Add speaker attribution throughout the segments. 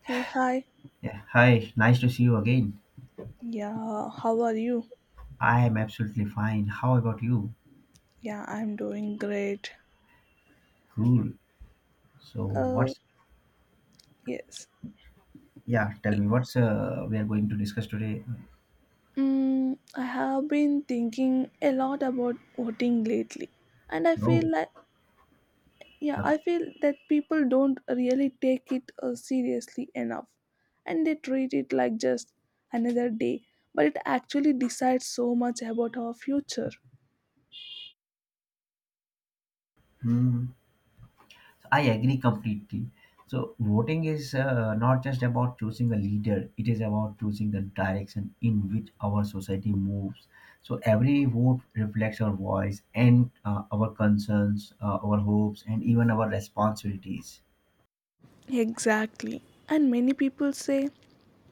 Speaker 1: Hey, hi.
Speaker 2: Yeah, hi, nice to see you again.
Speaker 1: Yeah, how are you?
Speaker 2: I am absolutely fine. How about you?
Speaker 1: Yeah, I'm doing great.
Speaker 2: Cool. So,
Speaker 1: Uh, yes.
Speaker 2: tell
Speaker 1: Y-
Speaker 2: me what's we are going to discuss today?
Speaker 1: I have been thinking a lot about voting lately, and I feel
Speaker 2: No,
Speaker 1: like, yeah,
Speaker 2: okay.
Speaker 1: I feel that people don't really take it seriously enough, and they treat it like just another day, but it actually decides so much about our future.
Speaker 2: Hmm. So I agree completely. So, voting is not just about choosing a leader, it is about choosing the direction in which our society moves. So, every vote reflects our voice and our concerns, our hopes, and even our responsibilities.
Speaker 1: Exactly. And many people say,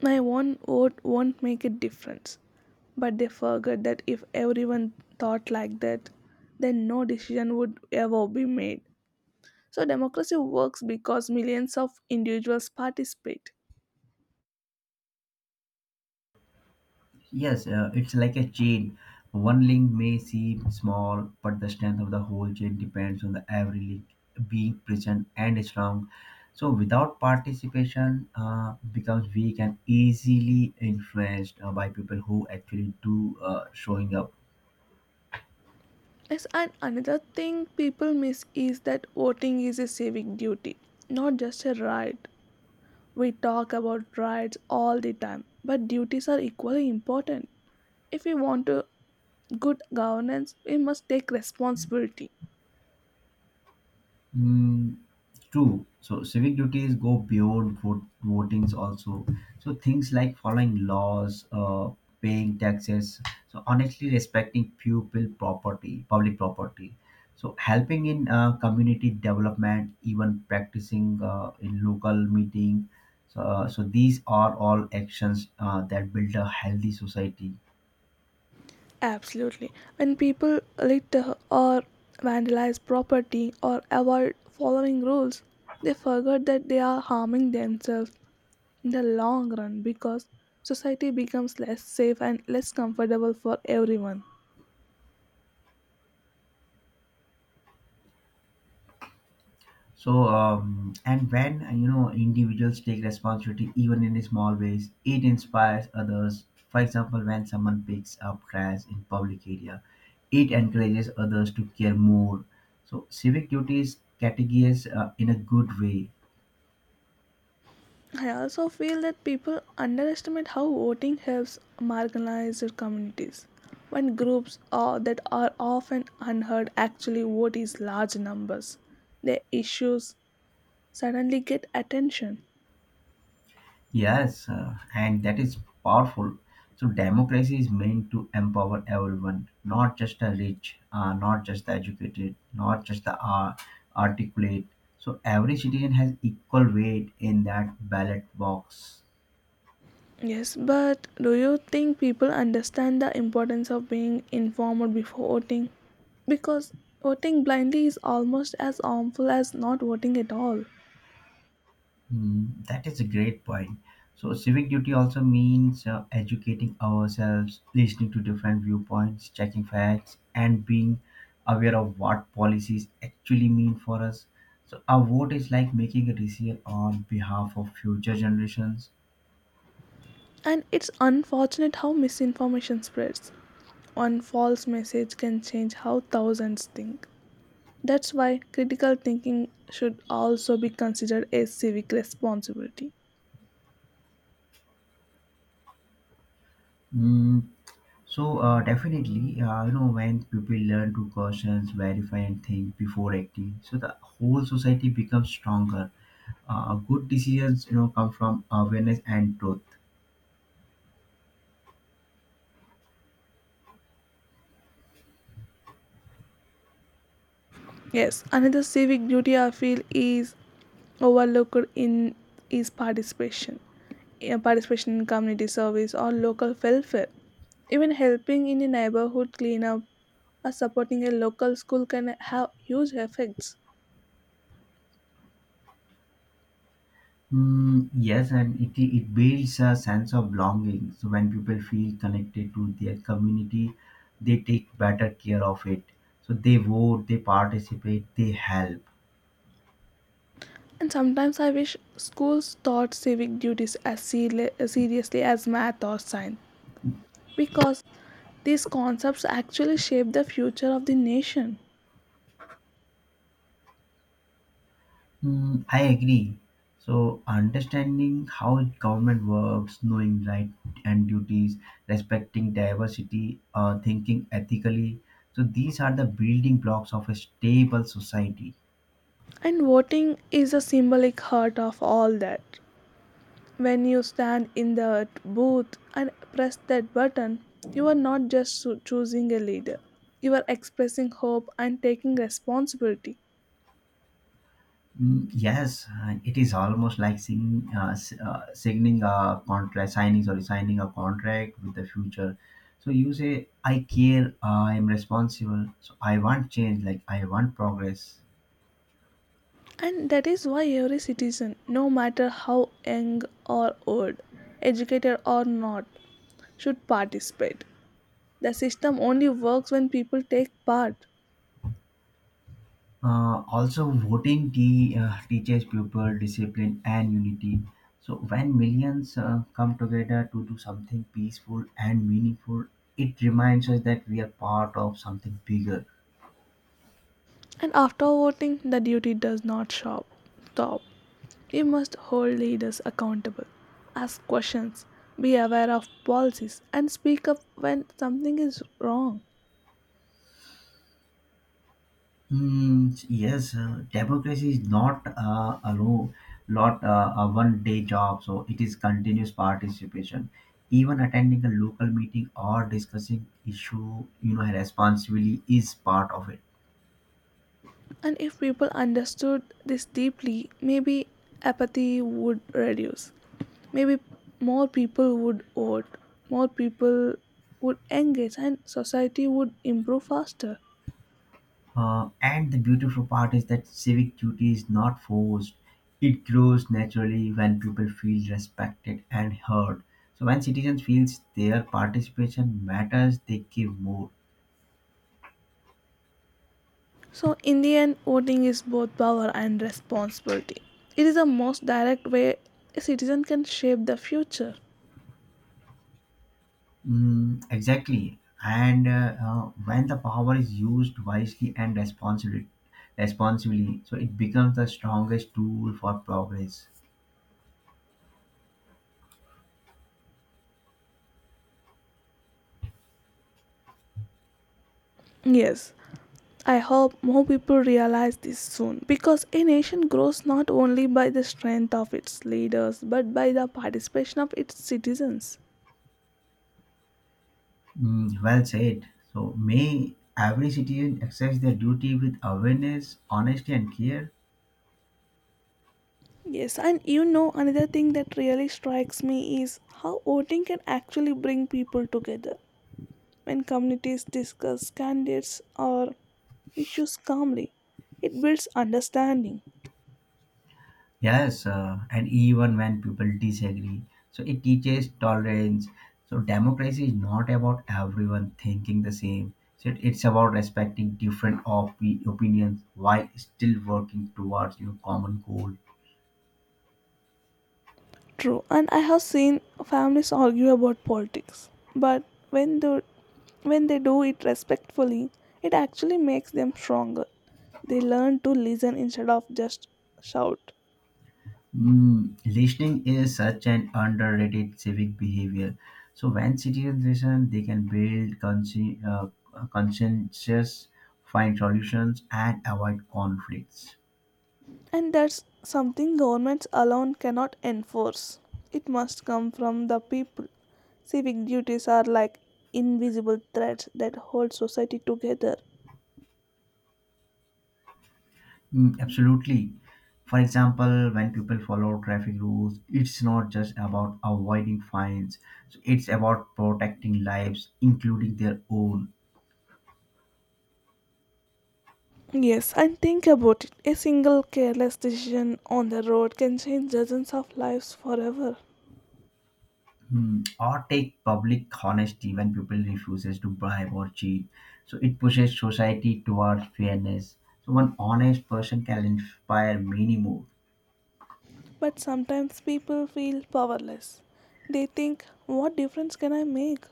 Speaker 1: my one vote won't make a difference. But they forget that if everyone thought like that, then no decision would ever be made. So democracy works because millions of individuals participate.
Speaker 2: Yes, it's like a chain. One link may seem small, but the strength of the whole chain depends on the every link being present and strong. So, without participation, becomes weak and easily influenced by people who actually do showing up.
Speaker 1: Yes, and another thing people miss is that voting is a civic duty, not just a right. We talk about rights all the time, but duties are equally important. If we want to good governance, we must take responsibility.
Speaker 2: Mm, true. So civic duties go beyond votings also. So things like following laws, paying taxes. So honestly, respecting people property, public property. So helping in community development, even practicing in local meeting. So, so these are all actions that build a healthy society.
Speaker 1: Absolutely. When people litter or vandalize property or avoid following rules, they forget that they are harming themselves in the long run because society becomes less safe and less comfortable for everyone.
Speaker 2: So, and when you know individuals take responsibility, even in small ways, it inspires others. For example, when someone picks up trash in public area, it encourages others to care more. So, civic duties categories in a good way.
Speaker 1: I also feel that people underestimate how voting helps marginalized communities. When groups are, that are often unheard actually vote in large numbers, their issues suddenly get attention.
Speaker 2: Yes, and that is powerful. So democracy is meant to empower everyone, not just the rich, not just the educated, not just the articulate. So every citizen has equal weight in that ballot box.
Speaker 1: Yes, but do you think people understand the importance of being informed before voting? Because voting blindly is almost as harmful as not voting at all.
Speaker 2: Mm, that is a great point. So, civic duty also means educating ourselves, listening to different viewpoints, checking facts, and being aware of what policies actually mean for us. So, our vote is like making a decision on behalf of future generations.
Speaker 1: And it's unfortunate how misinformation spreads. One false message can change how thousands think. That's why critical thinking should also be considered a civic responsibility.
Speaker 2: Mm, so, definitely, you know, when people learn to question, verify, and think before acting, so the whole society becomes stronger. Good decisions, you know, come from awareness and truth.
Speaker 1: Yes, another civic duty I feel is overlooked in is participation. Participation in community service or local welfare. Even helping in a neighborhood cleanup or supporting a local school can have huge effects.
Speaker 2: Mm, yes, and it builds a sense of belonging. So when people feel connected to their community, they take better care of it. So they vote, they participate, they help.
Speaker 1: And sometimes I wish schools taught civic duties as seri seriously as math or science because these concepts actually shape the future of the nation.
Speaker 2: Mm, I agree. So understanding how government works, knowing right and duties, respecting diversity, thinking ethically. So these are the building blocks of a stable society.
Speaker 1: And voting is a symbolic heart of all that. When you stand in the booth and press that button, you are not just choosing a leader, you are expressing hope and taking responsibility.
Speaker 2: Mm, yes, it is almost like signing a contract, signing a contract with the future. So you say, "I care, I am responsible, so I want change, like I want progress."
Speaker 1: And that is why every citizen, no matter how young or old, educated or not, should participate. The system only works when people take part.
Speaker 2: Also, voting teaches people discipline and unity. So when millions come together to do something peaceful and meaningful, it reminds us that we are part of something bigger.
Speaker 1: And after voting, the duty does not shop, stop. You must hold leaders accountable, ask questions, be aware of policies, and speak up when something is wrong.
Speaker 2: Hmm. Yes, democracy is not a rule, not a one-day job. So it is continuous participation. Even attending a local meeting or discussing issue, you know, responsibly is part of it.
Speaker 1: And if people understood this deeply, maybe apathy would reduce. Maybe more people would vote, more people would engage, and society would improve faster.
Speaker 2: And the beautiful part is that civic duty is not forced. It grows naturally when people feel respected and heard. So when citizens feels their participation matters, they give more.
Speaker 1: So, in the end, voting is both power and responsibility. It is the most direct way a citizen can shape the future.
Speaker 2: Mm, exactly. And when the power is used wisely and responsibly, so it becomes the strongest tool for progress.
Speaker 1: Yes, I hope more people realize this soon because a nation grows not only by the strength of its leaders but by the participation of its citizens.
Speaker 2: Mm, well said. So may every citizen exercise their duty with awareness, honesty, and care.
Speaker 1: Yes, and you know, another thing that really strikes me is how voting can actually bring people together when communities discuss candidates or issues calmly. It builds understanding.
Speaker 2: Yes, and even when people disagree, so it teaches tolerance. So democracy is not about everyone thinking the same. So it's about respecting different opinions while still working towards your common goal.
Speaker 1: True, and I have seen families argue about politics, but when they when they do it respectfully, it actually makes them stronger. They learn to listen instead of just shout,
Speaker 2: Mm, listening is such an underrated civic behavior. So when citizens listen, they can build consensus, find solutions, and avoid conflicts.
Speaker 1: and that's something governments alone cannot enforce. It must come from the people. Civic duties are like invisible threads that hold society together.
Speaker 2: Mm, absolutely. For example, when people follow traffic rules, it's not just about avoiding fines, so it's about protecting lives, including their own.
Speaker 1: Yes, and think about it. A single careless decision on the road can change dozens of lives forever.
Speaker 2: Hmm. Or take public honesty when people refuses to bribe or cheat. So it pushes society towards fairness. So one honest person can inspire many more.
Speaker 1: But sometimes people feel powerless. They think, what difference can I make?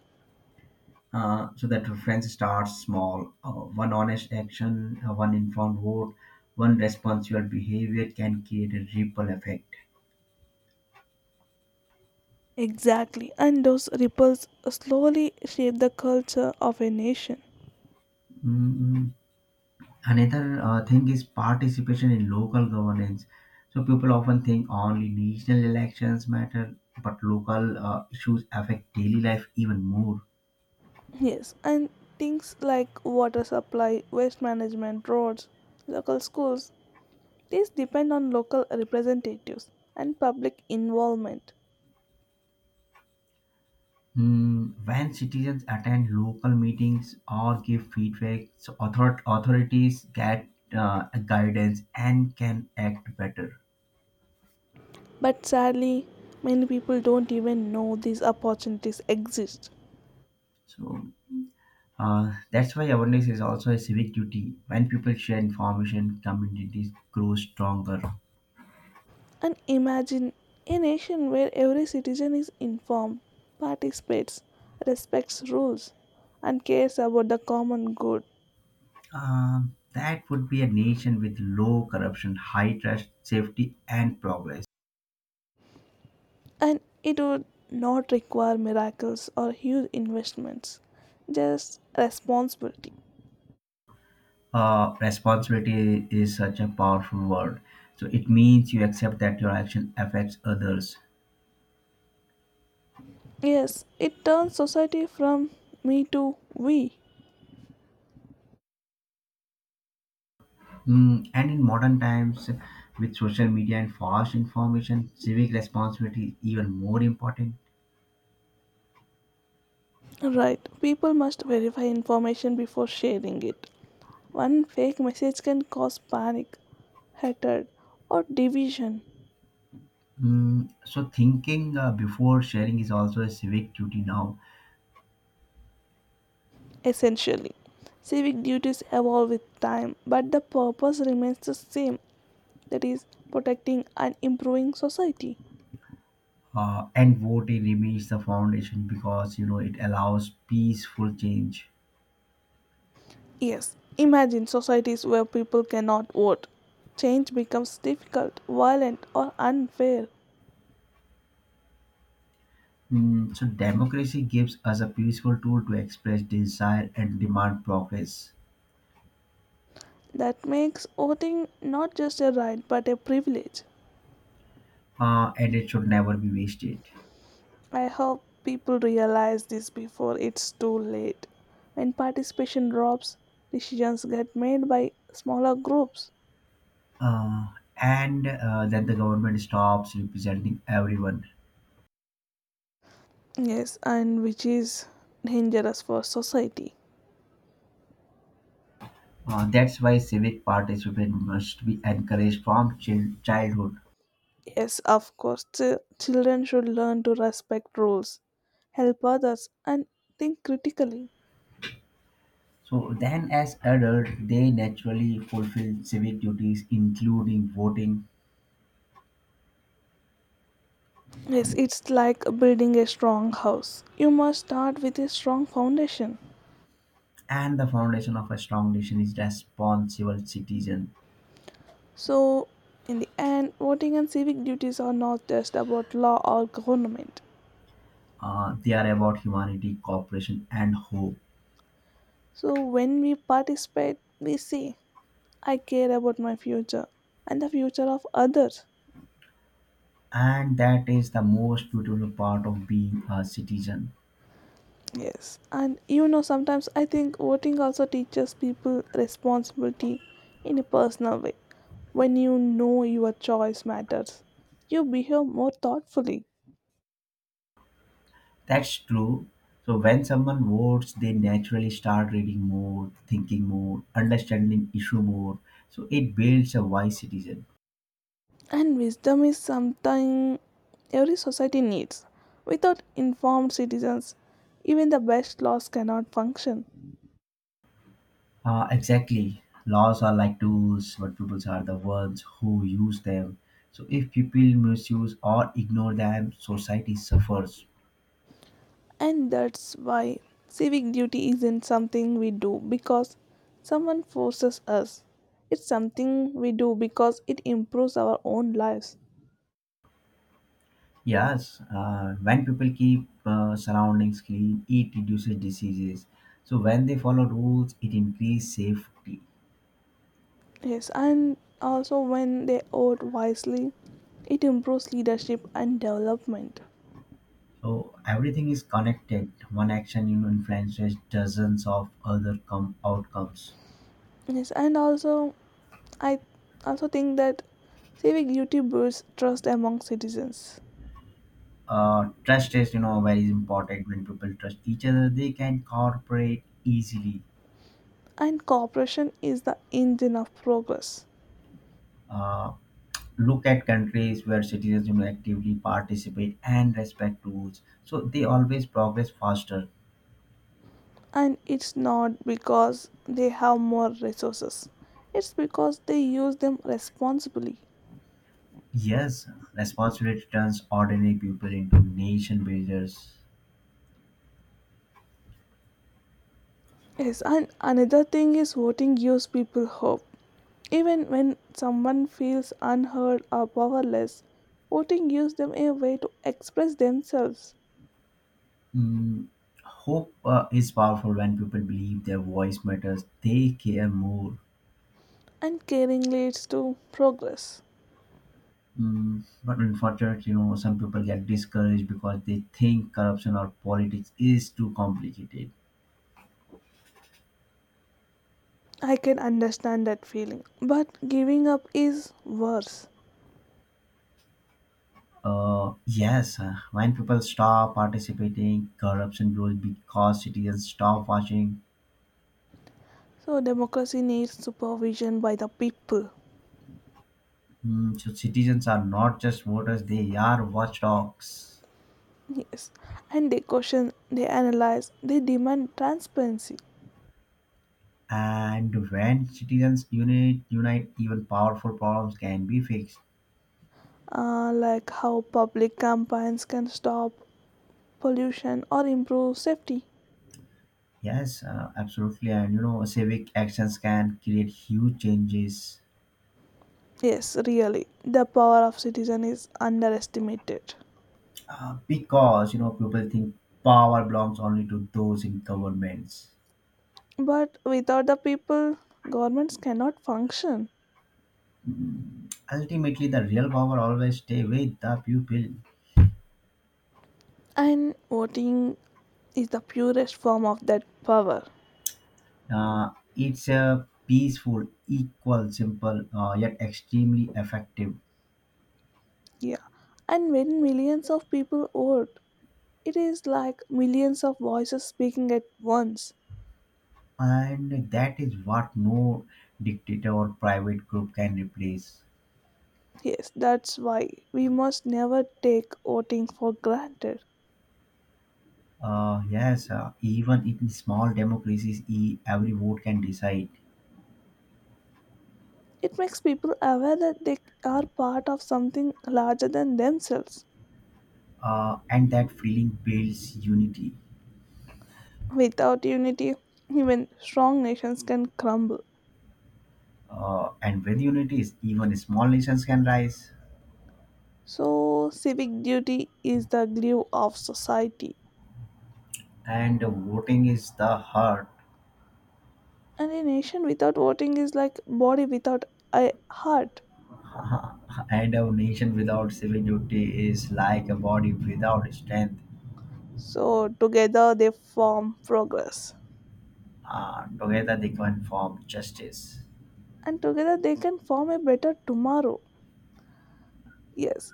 Speaker 2: So that reference starts small. One honest action, one informed vote, one responsible behavior can create a ripple effect.
Speaker 1: Exactly, and those ripples slowly shape the culture of a nation.
Speaker 2: Mm, another thing is participation in local governance. So people often think only national elections matter, but local issues affect daily life even more.
Speaker 1: Yes, and things like water supply, waste management, roads, local schools, these depend on local representatives and public involvement.
Speaker 2: Mm, when citizens attend local meetings or give feedback, so authorities get guidance and can act better.
Speaker 1: But sadly, many people don't even know these opportunities exist.
Speaker 2: So that's why awareness is also a civic duty. When people share information, communities grow stronger.
Speaker 1: And imagine a nation where every citizen is informed, participates, respects rules, and cares about the common good.
Speaker 2: That would be a nation with low corruption, high trust, safety, and progress.
Speaker 1: And it would not require miracles or huge investments, just responsibility.
Speaker 2: Responsibility is such a powerful word. So it means you accept that your action affects others.
Speaker 1: Yes, it turns society from me to we.
Speaker 2: Mm, and in modern times, with social media and fast information, civic responsibility is even more important.
Speaker 1: Right, people must verify information before sharing it. One fake message can cause panic, hatred, or division.
Speaker 2: Mm, so thinking before sharing is also a civic duty now.
Speaker 1: Essentially, civic duties evolve with time, but the purpose remains the same, that is, protecting and improving society.
Speaker 2: And voting remains the foundation because you know it allows peaceful change.
Speaker 1: Yes, imagine societies where people cannot vote. Change becomes difficult, violent, or unfair.
Speaker 2: Mm, so democracy gives us a peaceful tool to express desire and demand progress.
Speaker 1: That makes voting not just a right but a privilege.
Speaker 2: And it should never be wasted.
Speaker 1: I hope people realize this before it's too late. When participation drops, decisions get made by smaller groups.
Speaker 2: Uh, and Then the government stops representing everyone.
Speaker 1: Yes, and which is dangerous for society.
Speaker 2: That's why civic participation must be encouraged from childhood.
Speaker 1: Yes, of course, children should learn to respect rules, help others, and think critically.
Speaker 2: So then, as adults, they naturally fulfill civic duties, including voting,
Speaker 1: Yes, it's like building a strong house. You must start with a strong foundation.
Speaker 2: and the foundation of a strong nation is responsible citizen.
Speaker 1: So, in the end, voting and civic duties are not just about law or government.
Speaker 2: They are about humanity, cooperation, and hope,
Speaker 1: So when we participate, we say, I care about my future and the future of others.
Speaker 2: and that is the most beautiful part of being a citizen.
Speaker 1: Yes. And you know, sometimes I think voting also teaches people responsibility in a personal way. When you know your choice matters, you behave more thoughtfully.
Speaker 2: That's true. So when someone votes, they naturally start reading more, thinking more, understanding issue more. So it builds a wise citizen.
Speaker 1: And wisdom is something every society needs. Without informed citizens, even the best laws cannot function.
Speaker 2: Exactly. Laws are like tools, but people are the ones who use them. So if people misuse or ignore them, society suffers.
Speaker 1: And that's why civic duty isn't something we do because someone forces us. It's something we do because it improves our own lives.
Speaker 2: Yes, when people keep surroundings clean, it reduces diseases. So when they follow rules, it increases safety.
Speaker 1: Yes, and also when they vote wisely, it improves leadership and development.
Speaker 2: So everything is connected. One action you know, influences dozens of other outcomes.
Speaker 1: Yes, and also I also think that civic duty builds trust among citizens.
Speaker 2: Trust is you know very important. When people trust each other, they can cooperate easily.
Speaker 1: And cooperation is the engine of progress.
Speaker 2: Uh, look at countries where citizens you know actively participate and respect rules so they always progress faster.
Speaker 1: And it's not because they have more resources, it's because they use them responsibly.
Speaker 2: Yes, responsibility turns ordinary people into nation builders.
Speaker 1: Yes, and another thing is voting gives people hope even when someone feels unheard or powerless, voting gives them a way to express themselves.
Speaker 2: Mm, hope is powerful when people believe their voice matters they care more.
Speaker 1: And caring leads to progress.
Speaker 2: Mm, but unfortunately, you know, some people get discouraged because they think corruption or politics is too complicated.
Speaker 1: I can understand that feeling but giving up is worse.
Speaker 2: Yes, when people stop participating, corruption grows because citizens stop watching.
Speaker 1: So democracy needs supervision by the people.
Speaker 2: Hmm, so citizens are not just voters; they are watchdogs.
Speaker 1: Yes, and they question, they analyze, they demand transparency,
Speaker 2: And when citizens unite, even powerful problems can be fixed.
Speaker 1: like how public campaigns can stop pollution or improve safety.
Speaker 2: Yes, absolutely. And you know, civic actions can create huge changes.
Speaker 1: Yes, really, the power of citizen is underestimated.
Speaker 2: Because you know people think power belongs only to those in governments.
Speaker 1: But without the people, governments cannot function.
Speaker 2: Ultimately the real power always stay with the pupil.
Speaker 1: And voting is the purest form of that power.
Speaker 2: uh, it's a peaceful equal simple yet extremely effective.
Speaker 1: Yeah. And when millions of people vote, it is like millions of voices speaking at once.
Speaker 2: And that is what no dictator or private group can replace.
Speaker 1: Yes, that's why we must never take voting for granted.
Speaker 2: Yes Even in small democracies every vote can decide.
Speaker 1: It makes people aware that they are part of something larger than themselves.
Speaker 2: And that feeling builds unity.
Speaker 1: Without unity, even strong nations can crumble.
Speaker 2: And with unity is even small nations can rise.
Speaker 1: So, civic duty is the glue of society,
Speaker 2: And voting is the heart,
Speaker 1: and a nation without voting is like body without a heart.
Speaker 2: and a nation without civil duty is like a body without strength.
Speaker 1: So, together they form progress,
Speaker 2: Together they can form justice.
Speaker 1: and together they can form a better tomorrow. Yes,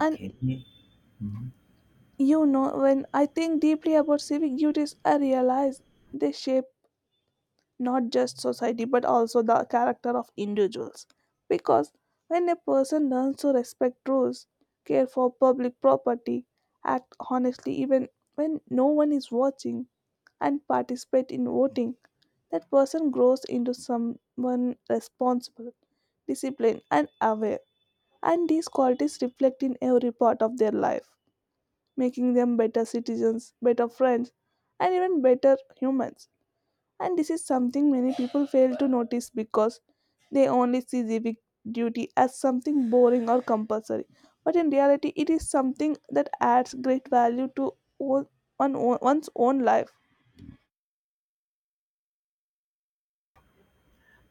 Speaker 1: and
Speaker 2: Mhm.
Speaker 1: you know, when I think deeply about civic duties, I realize they shape not just society but also the character of individuals. Because when a person learns to respect rules, care for public property, act honestly even when no one is watching, and participate in voting, that person grows into someone responsible, disciplined, and aware. And these qualities reflect in every part of their life, making them better citizens, better friends, and even better humans. And this is something many people fail to notice because they only see civic duty as something boring or compulsory. But in reality, it is something that adds great value to o- one- one's own life.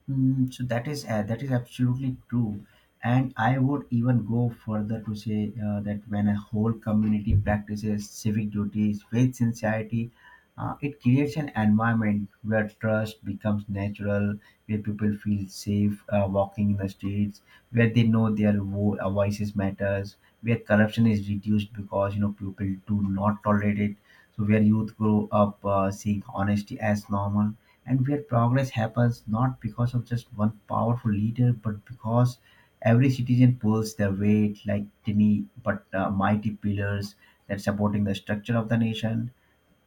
Speaker 2: Mm, so that is absolutely true, and I would even go further to say that when a whole community practices civic duties with sincerity, it creates an environment where trust becomes natural, where people feel safe walking in the streets, where they know their voices matters, where corruption is reduced because you know people do not tolerate it, so where youth grow up seeing honesty as normal and where progress happens not because of just one powerful leader, but because every citizen pulls their weight like tiny but mighty pillars that supporting the structure of the nation.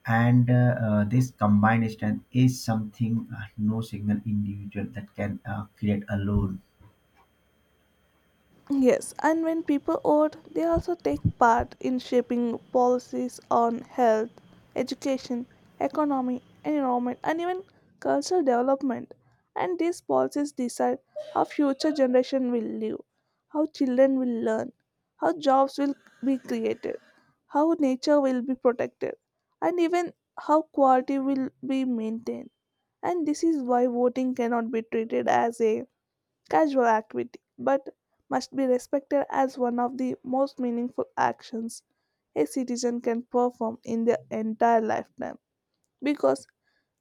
Speaker 2: And this combined strength is something no single individual that can create alone.
Speaker 1: Yes, and when people vote, they also take part in shaping policies on health, education, economy, environment, and even cultural development. And these policies decide how future generation will live, how children will learn, how jobs will be created, how nature will be protected, and even how quality will be maintained. And this is why voting cannot be treated as a casual activity, but must be respected as one of the most meaningful actions a citizen can perform in their entire lifetime because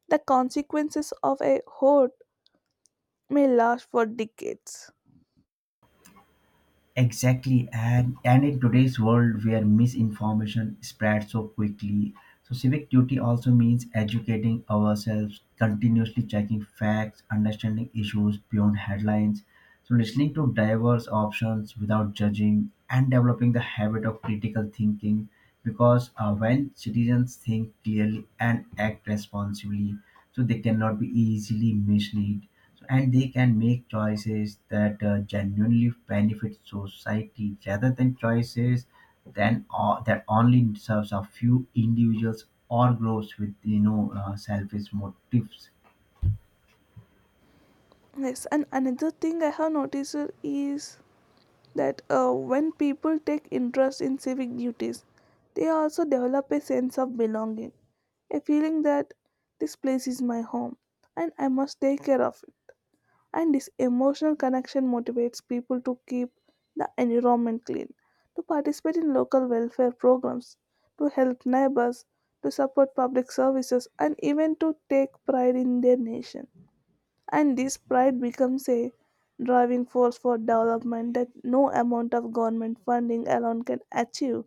Speaker 1: the consequences of a hoard may last for decades.
Speaker 2: Exactly, and in today's world where misinformation spreads so quickly, so civic duty also means educating ourselves, continuously checking facts, understanding issues beyond headlines, so listening to diverse options without judging, and developing the habit of critical thinking. Because when citizens think clearly and act responsibly, so they cannot be easily misled so, and they can make choices that genuinely benefit society rather than choices than that only serves a few individuals or groups with you know selfish motives.
Speaker 1: Yes, and another thing I have noticed is that when people take interest in civic duties, they also develop a sense of belonging, a feeling that this place is my home and I must take care of it, and this emotional connection motivates people to keep the environment clean, to participate in local welfare programs, to help neighbors, to support public services, and even to take pride in their nation. And this pride becomes a driving force for development that no amount of government funding alone can achieve.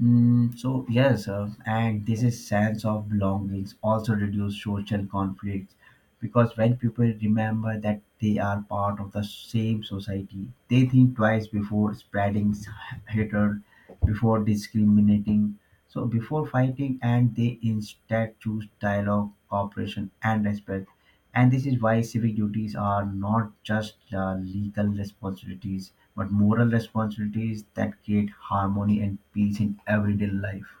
Speaker 2: Mm, so yes, and this is sense of belongings also reduce social conflicts because when people remember that they are part of the same society, they think twice before spreading hatred, before discriminating, so before fighting, and they instead choose dialogue, cooperation, and respect. And this is why civic duties are not just legal responsibilities, but moral responsibilities that create harmony and peace in everyday life.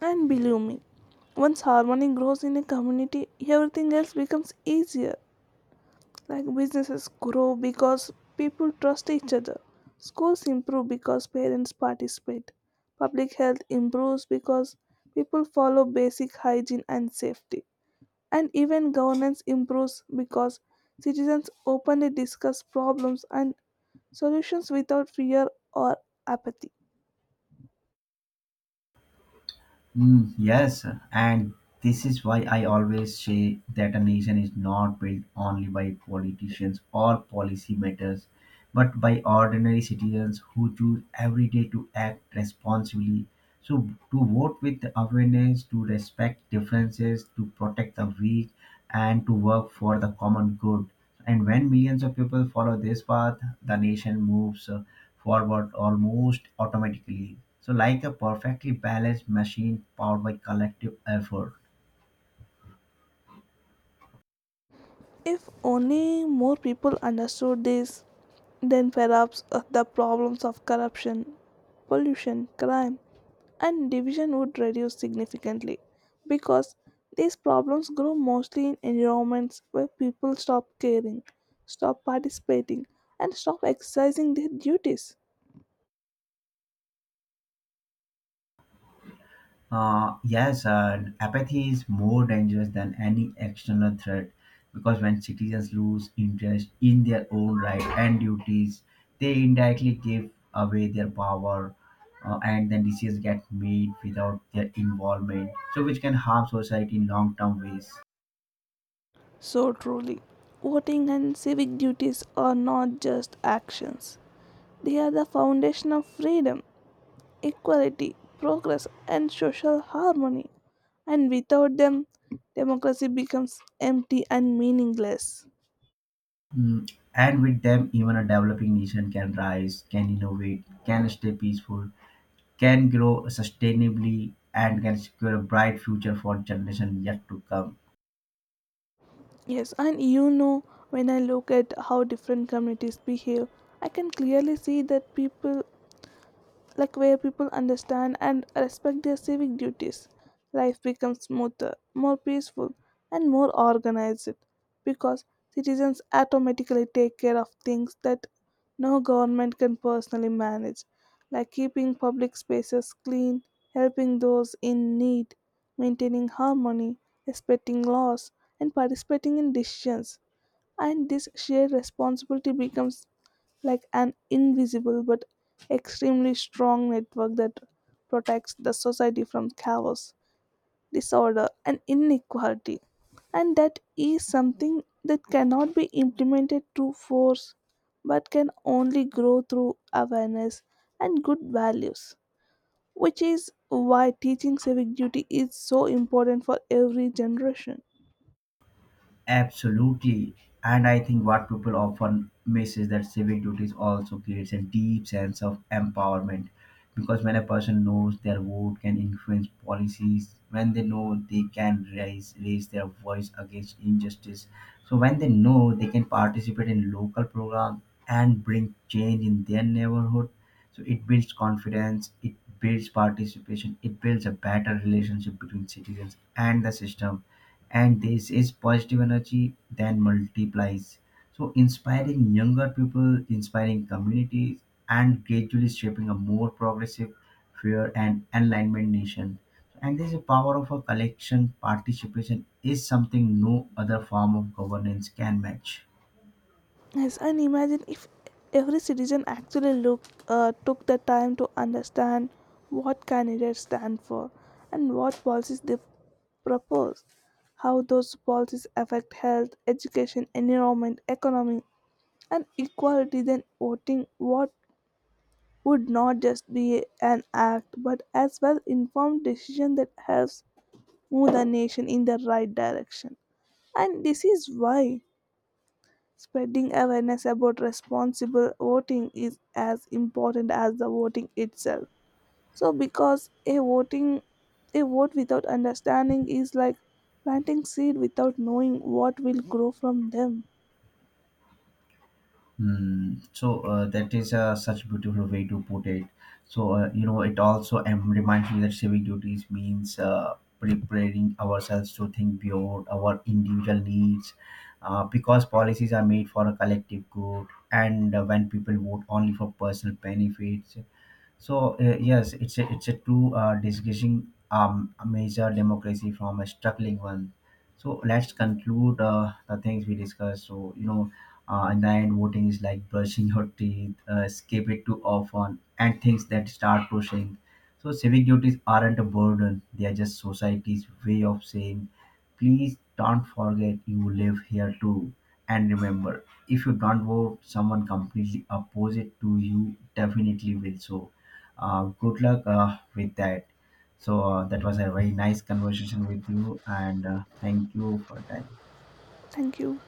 Speaker 1: And believe me, once harmony grows in a community, everything else becomes easier. Like businesses grow because people trust each other, schools improve because parents participate, public health improves because people follow basic hygiene and safety, and even governance improves because citizens openly discuss problems and solutions without fear or apathy.
Speaker 2: Mm, yes, and this is why I always say that a nation is not built only by politicians or policy matters, but by ordinary citizens who choose every day to act responsibly. So, to vote with awareness, to respect differences, to protect the weak, and to work for the common good. And when millions of people follow this path, the nation moves forward almost automatically. So, like a perfectly balanced machine powered by collective effort.
Speaker 1: If only more people understood this, then perhaps the problems of corruption, pollution, crime, and division would reduce significantly because these problems grow mostly in environments where people stop caring, stop participating, and stop exercising their duties.
Speaker 2: Yes, apathy is more dangerous than any external threat because when citizens lose interest in their own rights and duties, they indirectly give away their power. And then decisions get made without their involvement, so which can harm society in long term ways.
Speaker 1: So, truly, voting and civic duties are not just actions, they are the foundation of freedom, equality, progress, and social harmony. And without them, democracy becomes empty and meaningless.
Speaker 2: Mm, and with them, even a developing nation can rise, can innovate, can stay peaceful, can grow sustainably, and can secure a bright future for generations yet to come.
Speaker 1: Yes, and you know, when I look at how different communities behave, I can clearly see that people like where people understand and respect their civic duties. Life becomes smoother, more peaceful, and more organized because citizens automatically take care of things that no government can personally manage, like keeping public spaces clean, helping those in need, maintaining harmony, respecting laws, and participating in decisions, and this shared responsibility becomes like an invisible but extremely strong network that protects the society from chaos, disorder, and inequality. And that is something that cannot be implemented through force but can only grow through awareness and good values, which is why teaching civic duty is so important for every generation.
Speaker 2: Absolutely. And I think what people often miss is that civic duties also creates a deep sense of empowerment. Because when a person knows their vote can influence policies, when they know they can raise their voice against injustice. So when they know they can participate in local programs and bring change in their neighborhood. So it builds confidence, it builds participation, it builds a better relationship between citizens and the system, and this is positive energy then multiplies so inspiring younger people inspiring communities and gradually shaping a more progressive fair and enlightenment nation, and this power of a collection participation is something no other form of governance can match.
Speaker 1: Yes, and imagine if every citizen actually took the time to understand what candidates stand for and what policies they propose, how those policies affect health, education, environment, economy, and equality, then voting what would not just be an act but as well informed decision that helps move the nation in the right direction. And this is why spreading awareness about responsible voting is as important as the voting itself. So because a vote without understanding is like planting seed without knowing what will grow from them.
Speaker 2: Mm, so that is such a beautiful way to put it. So you know, it also reminds me that civic duties means preparing ourselves to think beyond our individual needs, because policies are made for a collective good, and when people vote only for personal benefits, so yes, it's a true discussing a major democracy from a struggling one. So let's conclude the things we discussed. So you know, in the end, voting is like brushing your teeth, skip it too often, and things that start pushing. So civic duties aren't a burden; they are just society's way of saying, please don't forget you live here too. And remember, if you don't vote, someone completely opposite to you definitely will. So good luck with that. So that was a very nice conversation with you, and thank you for your time.
Speaker 1: Thank you.